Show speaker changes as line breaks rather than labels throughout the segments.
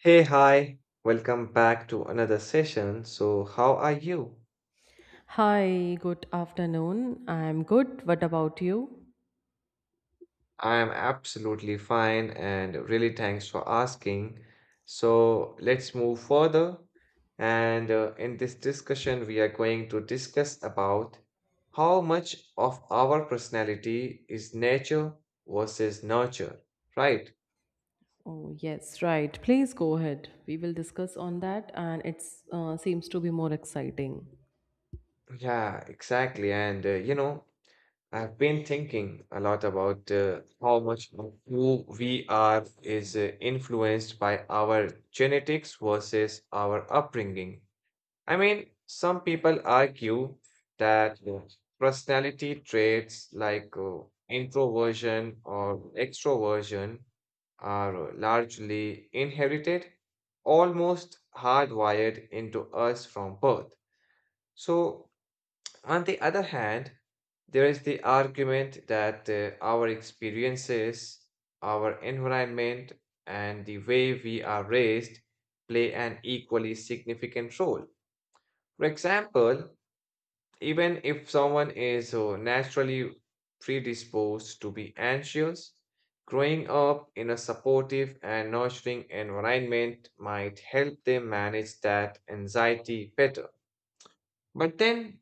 Hey, hi, welcome back to another session. So, how are you?
Hi, good afternoon. I'm good. What about you?
I am absolutely fine and really thanks for asking. So, let's move further. And in this discussion, we are going to discuss about how much of our personality is nature versus nurture, right?
Oh, yes, right. Please go ahead. We will discuss on that, and it seems to be more exciting.
Yeah, exactly. And you know, I've been thinking a lot about how much of who we are is influenced by our genetics versus our upbringing. I mean, some people argue that personality traits like introversion or extroversion are largely inherited, almost hardwired into us from birth. So, on the other hand, there is the argument that our experiences, our environment, and the way we are raised play an equally significant role. For example, even if someone is naturally predisposed to be anxious, growing up in a supportive and nurturing environment might help them manage that anxiety better. But then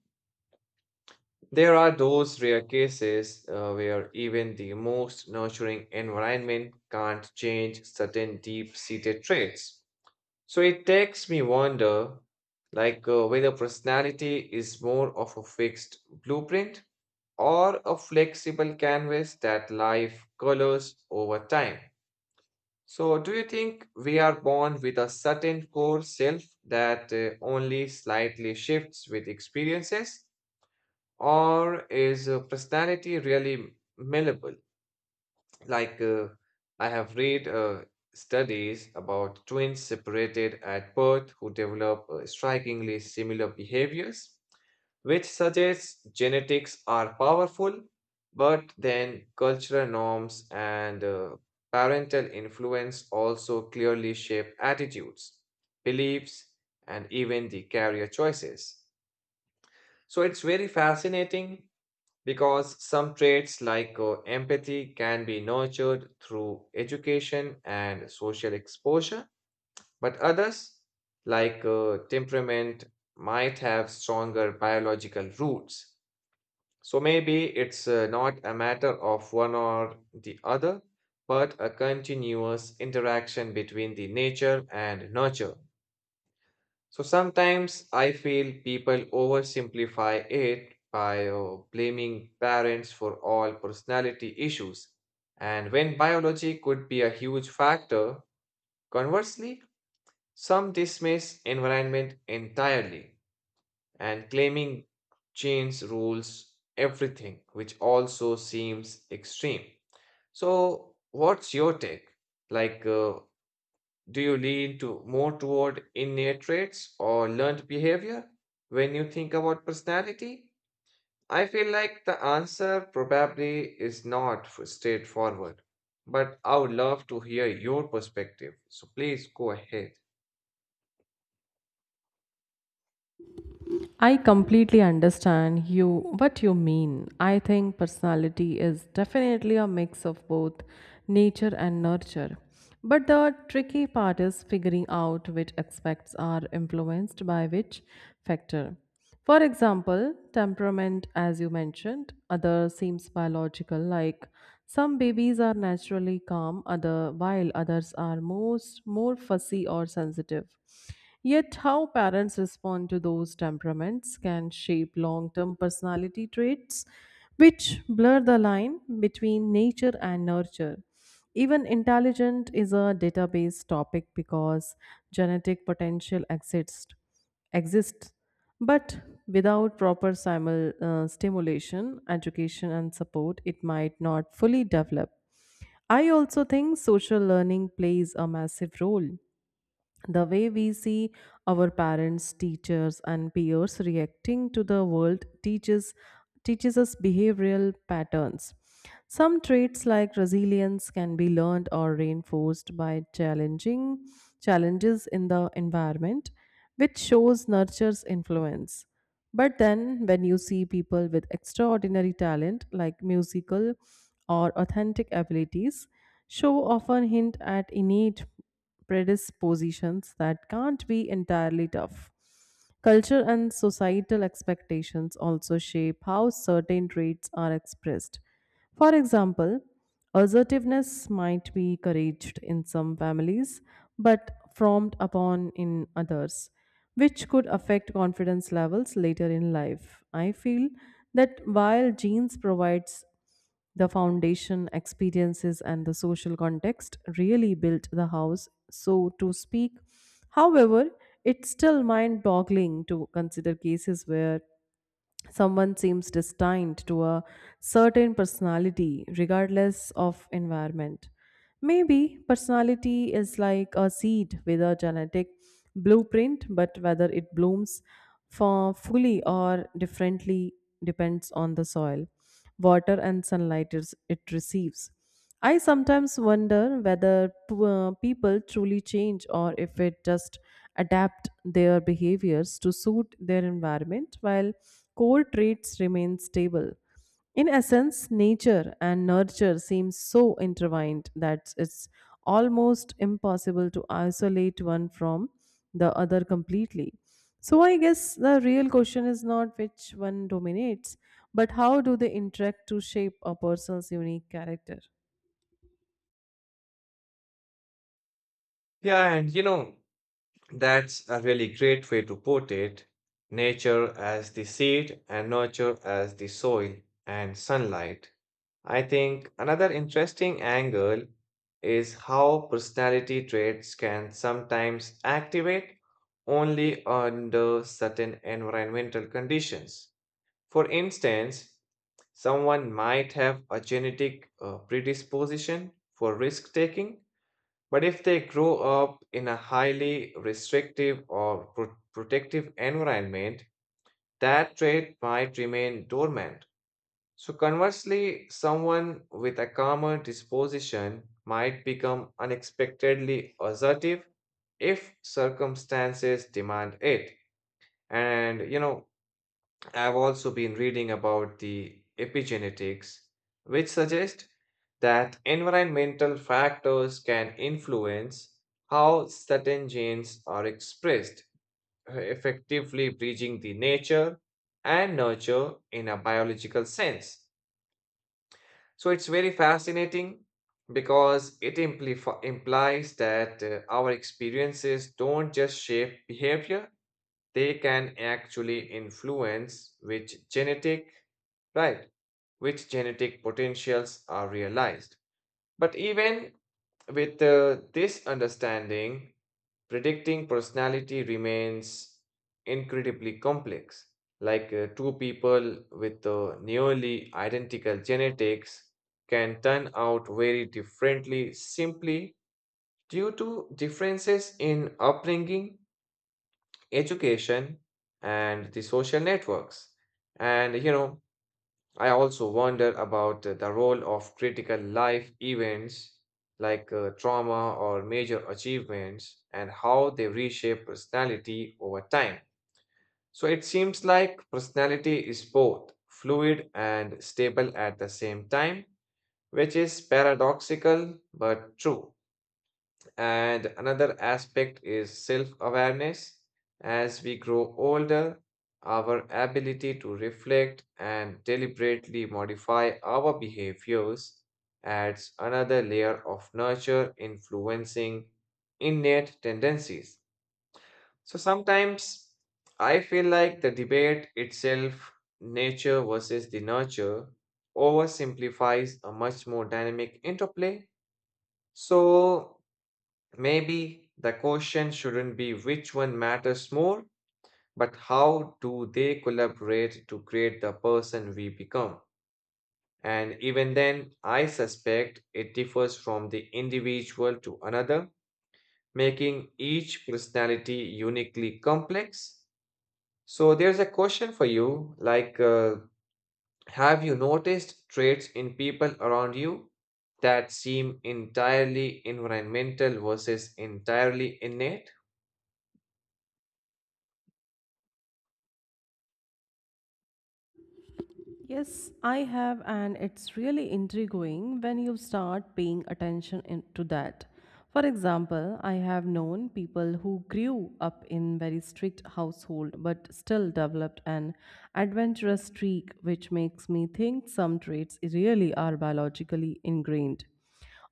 there are those rare cases where even the most nurturing environment can't change certain deep-seated traits. So it takes me wonder, like whether personality is more of a fixed blueprint or a flexible canvas that life colors over time. So do you think we are born with a certain core self that only slightly shifts with experiences? Or is personality really malleable? Like, uh, I have read studies about twins separated at birth who develop strikingly similar behaviors, which suggests genetics are powerful, but then cultural norms and parental influence also clearly shape attitudes, beliefs, and even the career choices. So it's very fascinating because some traits like empathy can be nurtured through education and social exposure, but others, like temperament, might have stronger biological roots. So maybe it's not a matter of one or the other, but a continuous interaction between the nature and nurture. So sometimes I feel people oversimplify it by blaming parents for all personality issues. And when biology could be a huge factor, conversely, some dismiss environment entirely and claiming genes rules everything, which also seems extreme. So, what's your take? Like, uh, do you lean to more toward innate traits or learned behavior when you think about personality? I feel like the answer probably is not straightforward, but I would love to hear your perspective. So please go ahead.
I completely understand you what you mean. I think personality is definitely a mix of both nature and nurture. But the tricky part is figuring out which aspects are influenced by which factor. For example, temperament, as you mentioned, other seems biological, like some babies are naturally calm, other while others are most more fussy or sensitive. Yet how parents respond to those temperaments can shape long-term personality traits which blur the line between nature and nurture. Even intelligent is a database topic because genetic potential exists Exists, but without proper stimulation education and support it might not fully develop. I also think social learning plays a massive role. The way we see our parents, teachers, and peers reacting to the world teaches us behavioral patterns. Some traits like resilience can be learned or reinforced by challenging challenges in the environment, which shows nurtures influence. But then, when you see people with extraordinary talent like musical or authentic abilities, show often hint at innate predispositions that can't be entirely tough. Culture and societal expectations also shape how certain traits are expressed. For example, assertiveness might be encouraged in some families but frowned upon in others, which could affect confidence levels later in life. I feel that while genes provides the foundation, experiences, and the social context really built the house, so to speak. However, it's still mind boggling to consider cases where someone seems destined to a certain personality regardless of environment. Maybe personality is like a seed with a genetic blueprint, but whether it blooms for fully or differently depends on the soil water and sunlight it receives. I sometimes wonder whether people truly change or if it just adapt their behaviors to suit their environment while core traits remain stable. In essence, nature and nurture seem so intertwined that it's almost impossible to isolate one from the other completely. So I guess the real question is not which one dominates, but how do they interact to shape a person's unique character?
Yeah, and you know, that's a really great way to put it. Nature as the seed and nurture as the soil and sunlight. I think another interesting angle is how personality traits can sometimes activate only under certain environmental conditions. For instance, someone might have a genetic predisposition for risk taking, but if they grow up in a highly restrictive or protective environment, that trait might remain dormant. So, conversely, someone with a calmer disposition might become unexpectedly assertive if circumstances demand it. And, you know, I've also been reading about the epigenetics, which suggest that environmental factors can influence how certain genes are expressed, effectively bridging the nature and nurture in a biological sense. So it's very fascinating because it implies that our experiences don't just shape behavior, they can actually influence which genetic, right, which genetic potentials are realized. But even with this understanding, predicting personality remains incredibly complex. Like two people with nearly identical genetics can turn out very differently simply due to differences in upbringing, education, and the social networks. And you know, I also wonder about the role of critical life events like trauma or major achievements and how they reshape personality over time. So it seems like personality is both fluid and stable at the same time, which is paradoxical but true. And another aspect is self awareness. As we grow older, our ability to reflect and deliberately modify our behaviors adds another layer of nurture influencing innate tendencies. So sometimes I feel like the debate itself, nature versus the nurture, oversimplifies a much more dynamic interplay. So maybe the question shouldn't be which one matters more, but how do they collaborate to create the person we become? And even then, I suspect it differs from the individual to another, making each personality uniquely complex. So, there's a question for you have you noticed traits in people around you that seem entirely environmental versus entirely innate?
Yes, I have, and it's really intriguing when you start paying attention to that. For example, I have known people who grew up in very strict household but still developed an adventurous streak, which makes me think some traits really are biologically ingrained.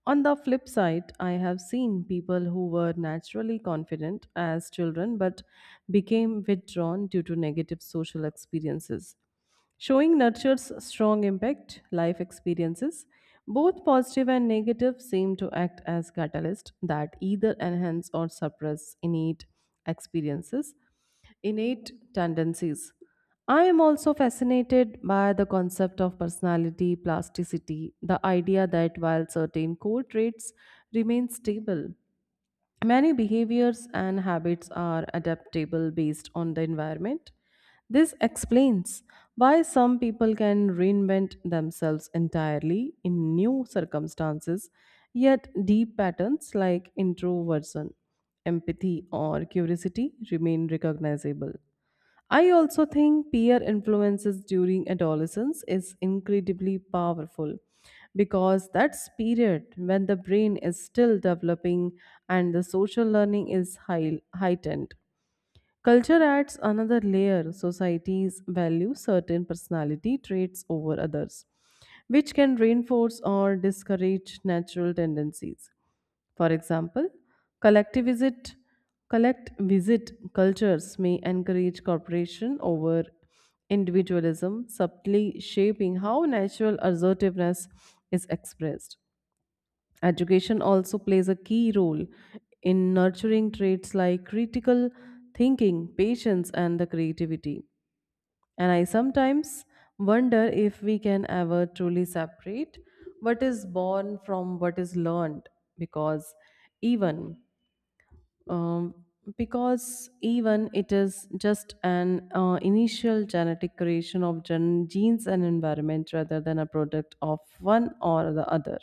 On the flip side, I have seen people who were naturally confident as children but became withdrawn due to negative social experiences, showing nurtures strong impact. Life experiences, both positive and negative, seem to act as catalysts that either enhance or suppress experiences, innate tendencies. I am also fascinated by the concept of personality plasticity, the idea that while certain core traits remain stable, many behaviors and habits are adaptable based on the environment. This explains why some people can reinvent themselves entirely in new circumstances, yet deep patterns like introversion, empathy, or curiosity remain recognizable. I also think peer influences during adolescence is incredibly powerful because that's period when the brain is still developing and the social learning is heightened. Culture adds another layer. Societies value certain personality traits over others, which can reinforce or discourage natural tendencies. For example, collective visit, collect visit cultures may encourage cooperation over individualism, subtly shaping how natural assertiveness is expressed. Education also plays a key role in nurturing traits like critical thinking, patience, and the creativity. And I sometimes wonder if we can ever truly separate what is born from what is learned because even um, even it is just an initial genetic creation of genes and environment rather than a product of one or the other.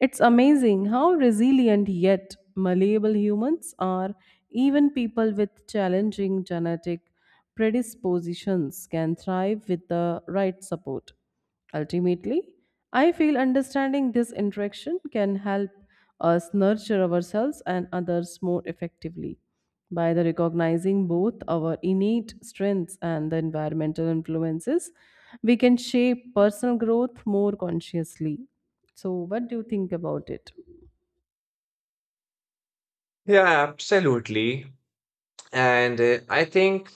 It's amazing how resilient yet malleable humans are. Even people with challenging genetic predispositions can thrive with the right support. Ultimately, I feel understanding this interaction can help us nurture ourselves and others more effectively. By the recognizing both our innate strengths and the environmental influences, we can shape personal growth more consciously. So, what do you think about it?
Yeah, absolutely. And I think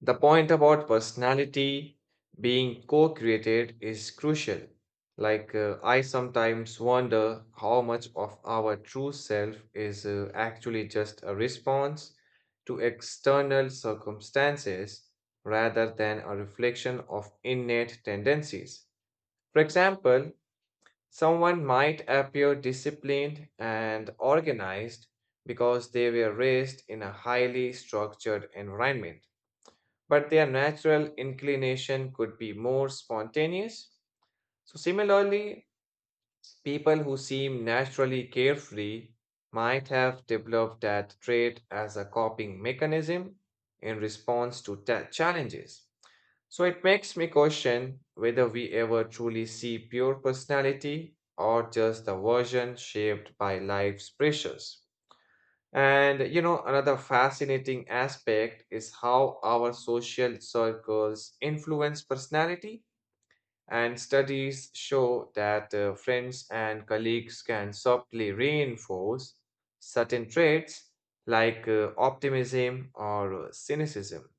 the point about personality being co-created is crucial. I sometimes wonder how much of our true self is actually just a response to external circumstances rather than a reflection of innate tendencies. For example, someone might appear disciplined and organized because they were raised in a highly structured environment, but their natural inclination could be more spontaneous. So, similarly, people who seem naturally carefree might have developed that trait as a coping mechanism in response to challenges. So it makes me question whether we ever truly see pure personality or just the version shaped by life's pressures. And you know, another fascinating aspect is how our social circles influence personality. And studies show that friends and colleagues can subtly reinforce certain traits like optimism or cynicism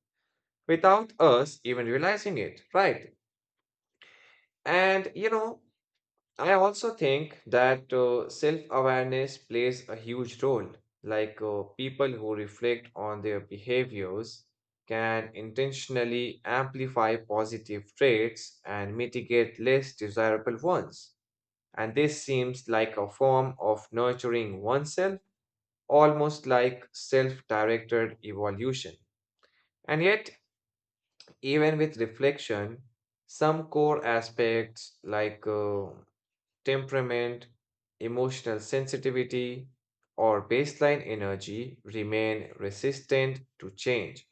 without us even realizing it, right? And you know, I also think that self-awareness plays a huge role. Like people who reflect on their behaviors can intentionally amplify positive traits and mitigate less desirable ones. And this seems like a form of nurturing oneself, almost like self-directed evolution. And yet, even with reflection, some core aspects like temperament, emotional sensitivity, or baseline energy remain resistant to change.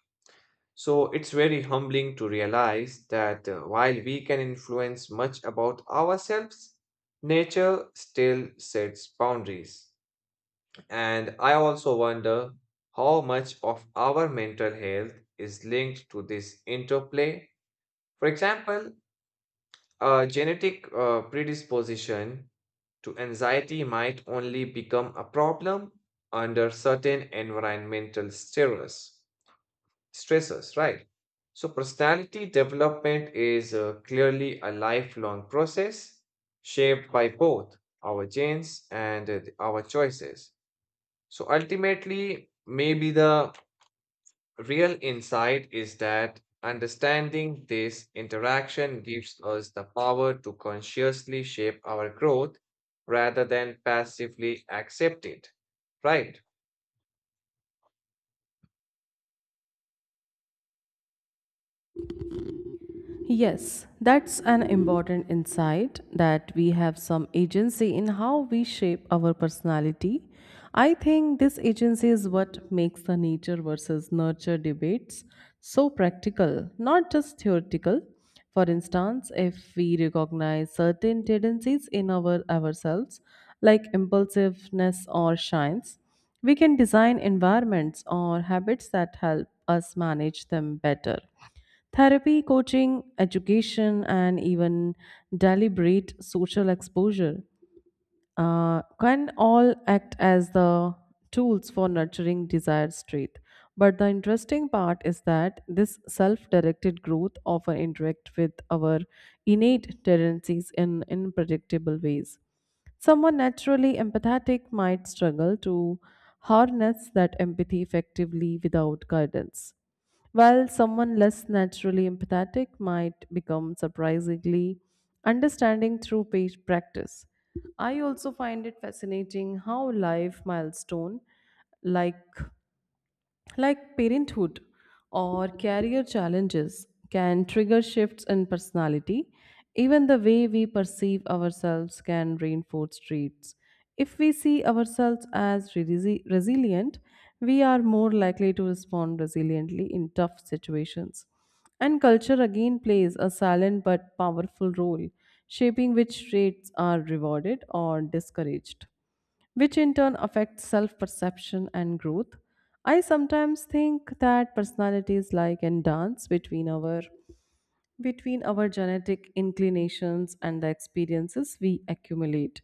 So it's very humbling to realize that while we can influence much about ourselves, nature still sets boundaries. And I also wonder how much of our mental health is linked to this interplay. For example, a genetic predisposition to anxiety might only become a problem under certain environmental stress, stressors, right? So, personality development is clearly a lifelong process shaped by both our genes and our choices. So, ultimately, maybe the real insight is that understanding this interaction gives us the power to consciously shape our growth rather than passively accept it. Right?
Yes, that's an important insight that we have some agency in how we shape our personality. I think this agency is what makes the nature versus nurture debates so practical, not just theoretical. For instance, if we recognize certain tendencies in our ourselves, like impulsiveness or shyness, we can design environments or habits that help us manage them better. Therapy, coaching, education, and even deliberate social exposure can all act as the tools for nurturing desired trait. But the interesting part is that this self directed growth often interacts with our innate tendencies in unpredictable ways. Someone naturally empathetic might struggle to harness that empathy effectively without guidance, while someone less naturally empathetic might become surprisingly understanding through page practice. I also find it fascinating how life milestone like like parenthood or career challenges can trigger shifts in personality. Even the way we perceive ourselves can reinforce traits. If we see ourselves as resilient, we are more likely to respond resiliently in tough situations. And culture again plays a silent but powerful role, shaping which traits are rewarded or discouraged, which in turn affects self perception and growth. I sometimes think that personality is like a dance between our genetic inclinations and the experiences we accumulate.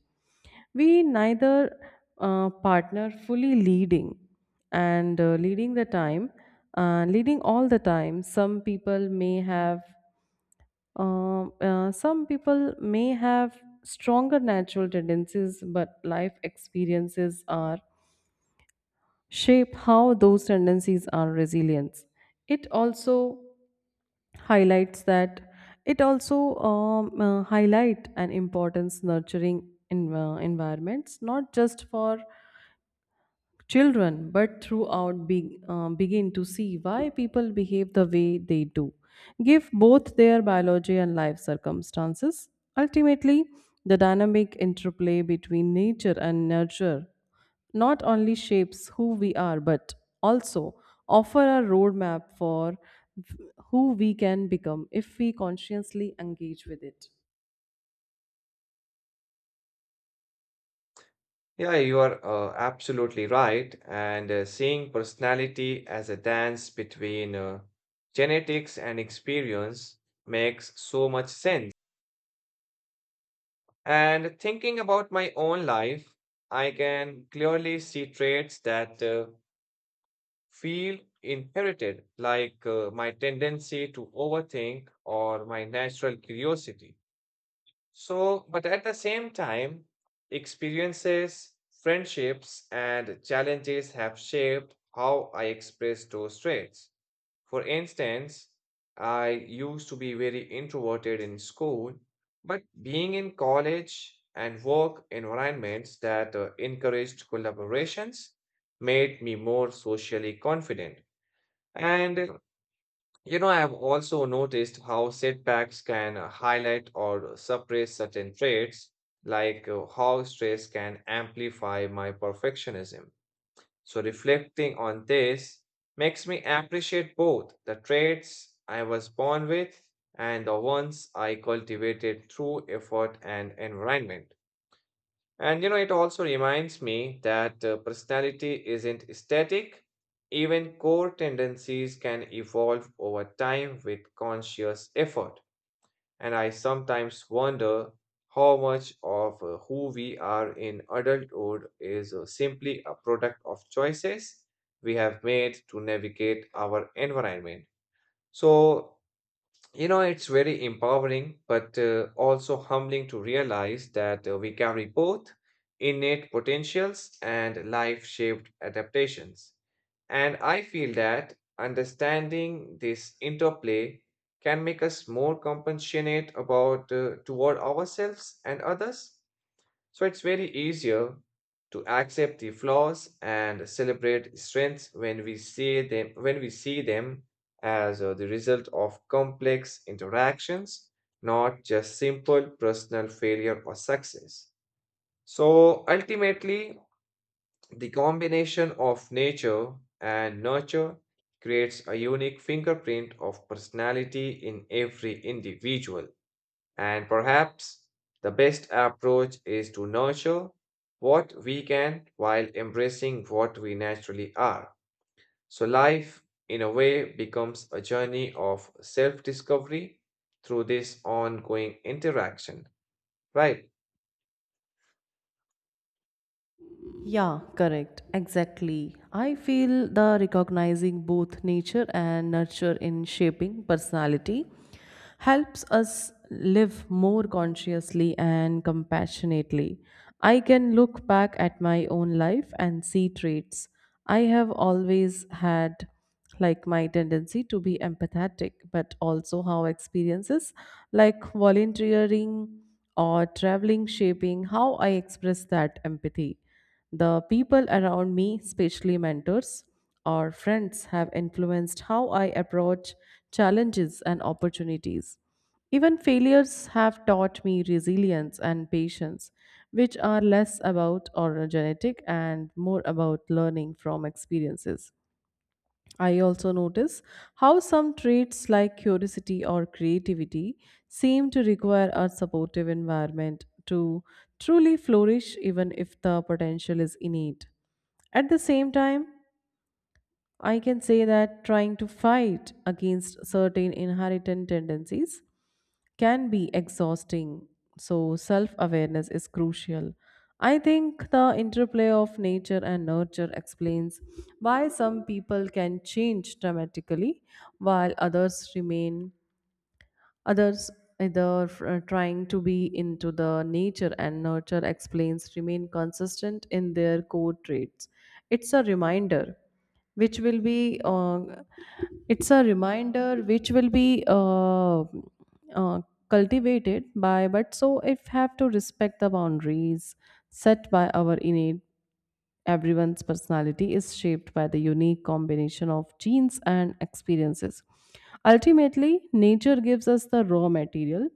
We neither partner fully and uh, leading the time, leading all the time. Some people may have stronger natural tendencies, but life experiences are shape how those tendencies are resilience. It also highlights that it also Highlight an importance nurturing in, environments not just for children but throughout begin to see why people behave the way they do give both their biology and life circumstances. Ultimately, the dynamic interplay between nature and nurture not only shapes who we are but also offer a roadmap for who we can become if we consciously engage with it.
Yeah, you are absolutely right. And seeing personality as a dance between genetics and experience makes so much sense. And thinking about my own life, I can clearly see traits that feel inherited, like my tendency to overthink or my natural curiosity. So, but at the same time, experiences, friendships, and challenges have shaped how I express those traits. For instance, I used to be very introverted in school, but being in college and work environments that encouraged collaborations made me more socially confident. And you know, I have also noticed how setbacks can highlight or suppress certain traits, like how stress can amplify my perfectionism. So, reflecting on this makes me appreciate both the traits I was born with and the ones I cultivated through effort and environment. And you know, it also reminds me that personality isn't static. Even core tendencies can evolve over time with conscious effort. And I sometimes wonder how much of who we are in adulthood is simply a product of choices we have made to navigate our environment. So, you know, it's very empowering, but also humbling to realize that we carry both innate potentials and life-shaped adaptations. And I feel that understanding this interplay can make us more compassionate about toward ourselves and others. So it's very easier to accept the flaws and celebrate strengths when we see them as the result of complex interactions, not just simple personal failure or success. So ultimately, the combination of nature and nurture creates a unique fingerprint of personality in every individual. And perhaps the best approach is to nurture what we can while embracing what we naturally are. So life, in a way, becomes a journey of self-discovery through this ongoing interaction, right?
Yeah, correct. Exactly. I feel the recognizing both nature and nurture in shaping personality helps us live more consciously and compassionately. I can look back at my own life and see traits I have always had like my tendency to be empathetic, but also how experiences like volunteering or traveling shaping how I express that empathy. The people around me, especially mentors or friends, have influenced how I approach challenges and opportunities. Even failures have taught me resilience and patience, which are less about or genetic and more about learning from experiences. I also notice how some traits like curiosity or creativity seem to require a supportive environment to truly flourish, even if the potential is innate. At the same time, I can say that trying to fight against certain inherited tendencies can be exhausting. So, self awareness is crucial. I think the interplay of nature and nurture explains why some people can change dramatically while others remain Others, either trying to be into the nature and nurture explains, remain consistent in their core traits. It's a reminder which will be it's a reminder which will be uh, cultivated by but so if have to respect the boundaries set by our innate. Everyone's personality is shaped by the unique combination of genes and experiences. Ultimately, nature gives us the raw material,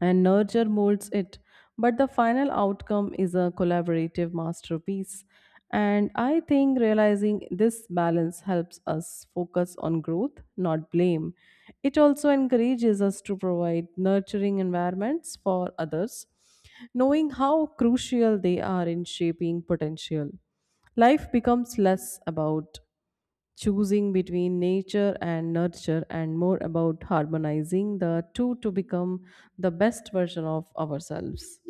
and nurture molds it. But the final outcome is a collaborative masterpiece. And I think realizing this balance helps us focus on growth, not blame. It also encourages us to provide nurturing environments for others, knowing how crucial they are in shaping potential. Life becomes less about choosing between nature and nurture, and more about harmonizing the two to become the best version of ourselves.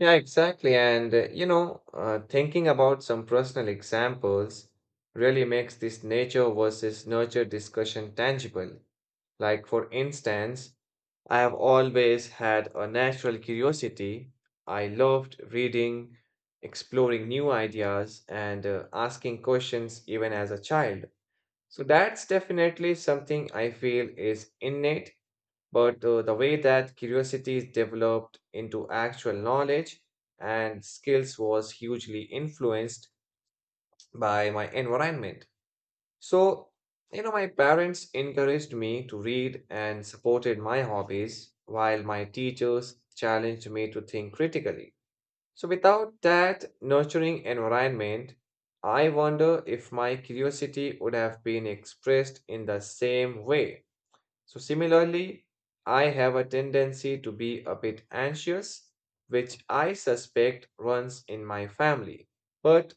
Yeah, exactly. And thinking about some personal examples really makes this nature versus nurture discussion tangible. Like, for instance, I have always had a natural curiosity. I loved reading, exploring new ideas, and asking questions even as a child. So that's definitely something I feel is innate, but the way that curiosity is developed into actual knowledge and skills was hugely influenced by my environment. So, you know, my parents encouraged me to read and supported my hobbies, while my teachers challenged me to think critically. So, without that nurturing environment, I wonder if my curiosity would have been expressed in the same way. So, similarly, I have a tendency to be a bit anxious, which I suspect runs in my family. But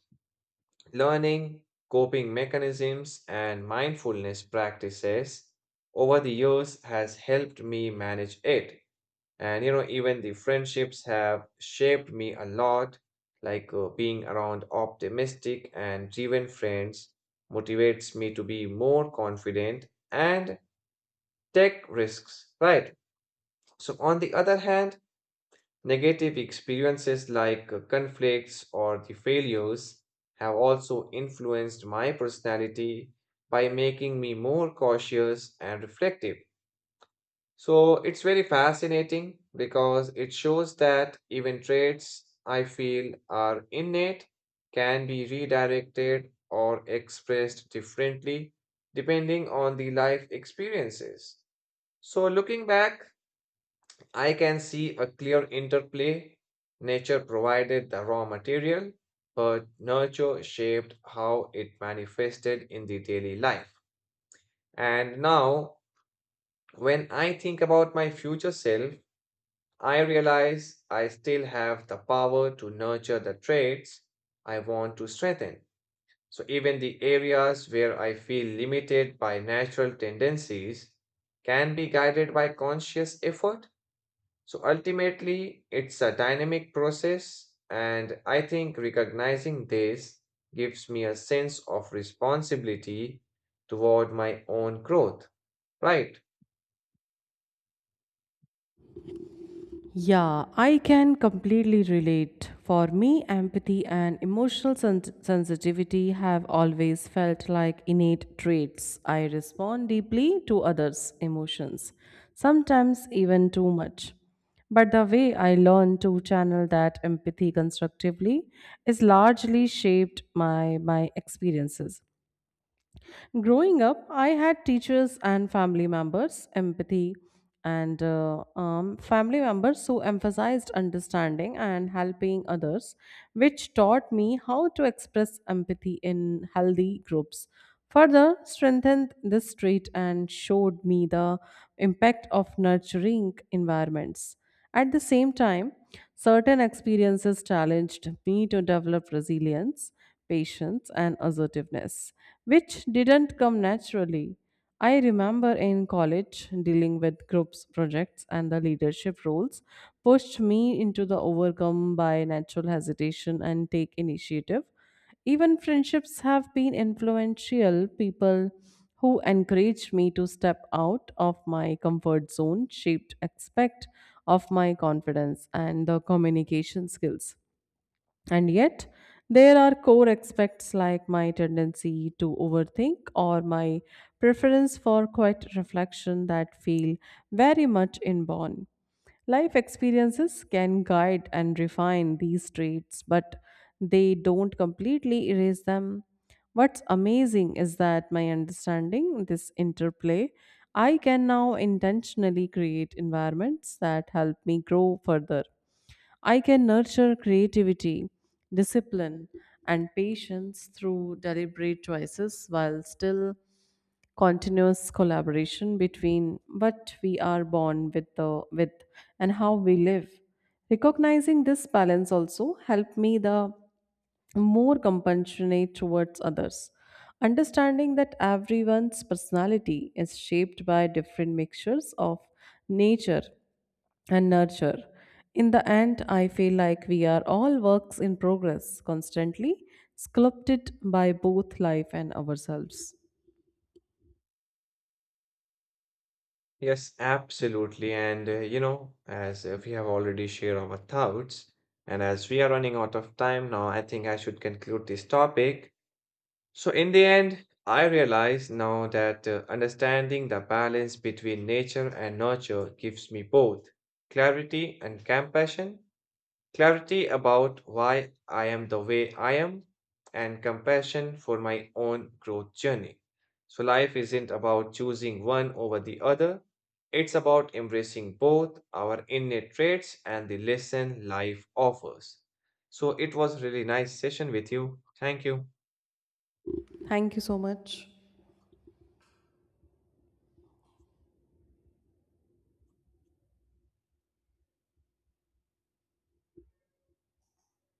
learning, coping mechanisms, and mindfulness practices over the years has helped me manage it. And you know, even the friendships have shaped me a lot, like being around optimistic and driven friends motivates me to be more confident and take risks, right? So, on the other hand, negative experiences like conflicts or the failures have also influenced my personality by making me more cautious and reflective. So it's very fascinating because it shows that even traits I feel are innate can be redirected or expressed differently depending on the life experiences. So looking back, I can see a clear interplay. Nature provided the raw material, but nurture shaped how it manifested in the daily life. And now, when I think about my future self, I realize I still have the power to nurture the traits I want to strengthen. So, even the areas where I feel limited by natural tendencies can be guided by conscious effort. So ultimately, it's a dynamic process, and I think recognizing this gives me a sense of responsibility toward my own growth, right?
Yeah, I can completely relate. For me, empathy and emotional sensitivity have always felt like innate traits. I respond deeply to others' emotions, sometimes even too much. But the way I learn to channel that empathy constructively is largely shaped by my experiences. Growing up, I had teachers and family members, empathy, and family members who emphasized understanding and helping others, which taught me how to express empathy in healthy groups. Further, strengthened this trait and showed me the impact of nurturing environments. At the same time, certain experiences challenged me to develop resilience patience, and assertiveness, which didn't come naturally. I remember in college dealing with groups projects and the leadership roles pushed me into the overcome by natural hesitation and take initiative. Even friendships have been influential people who encouraged me to step out of my comfort zone shaped aspect of my confidence and the communication skills. And yet, there are core aspects like my tendency to overthink or my preference for quiet reflection that feel very much inborn. Life experiences can guide and refine these traits, but they don't completely erase them. What's amazing is that my understanding this interplay, I can now intentionally create environments that help me grow further. I can nurture creativity, discipline, and patience through deliberate choices while still continuous collaboration between what we are born with and how we live. Recognizing this balance also helped me the more compassionate towards others, understanding that everyone's personality is shaped by different mixtures of nature and nurture. In the end, I feel like we are all works in progress, constantly sculpted by both life and ourselves.
Yes, absolutely. And you know, as we have already shared our thoughts, and as we are running out of time now, I think I should conclude this topic. So, in the end, I realize now that understanding the balance between nature and nurture gives me both clarity and compassion. Clarity about why I am the way I am, and compassion for my own growth journey. So, life isn't about choosing one over the other, it's about embracing both our innate traits and the lesson life offers. So, it was really nice session with you. Thank you.
Thank you so much.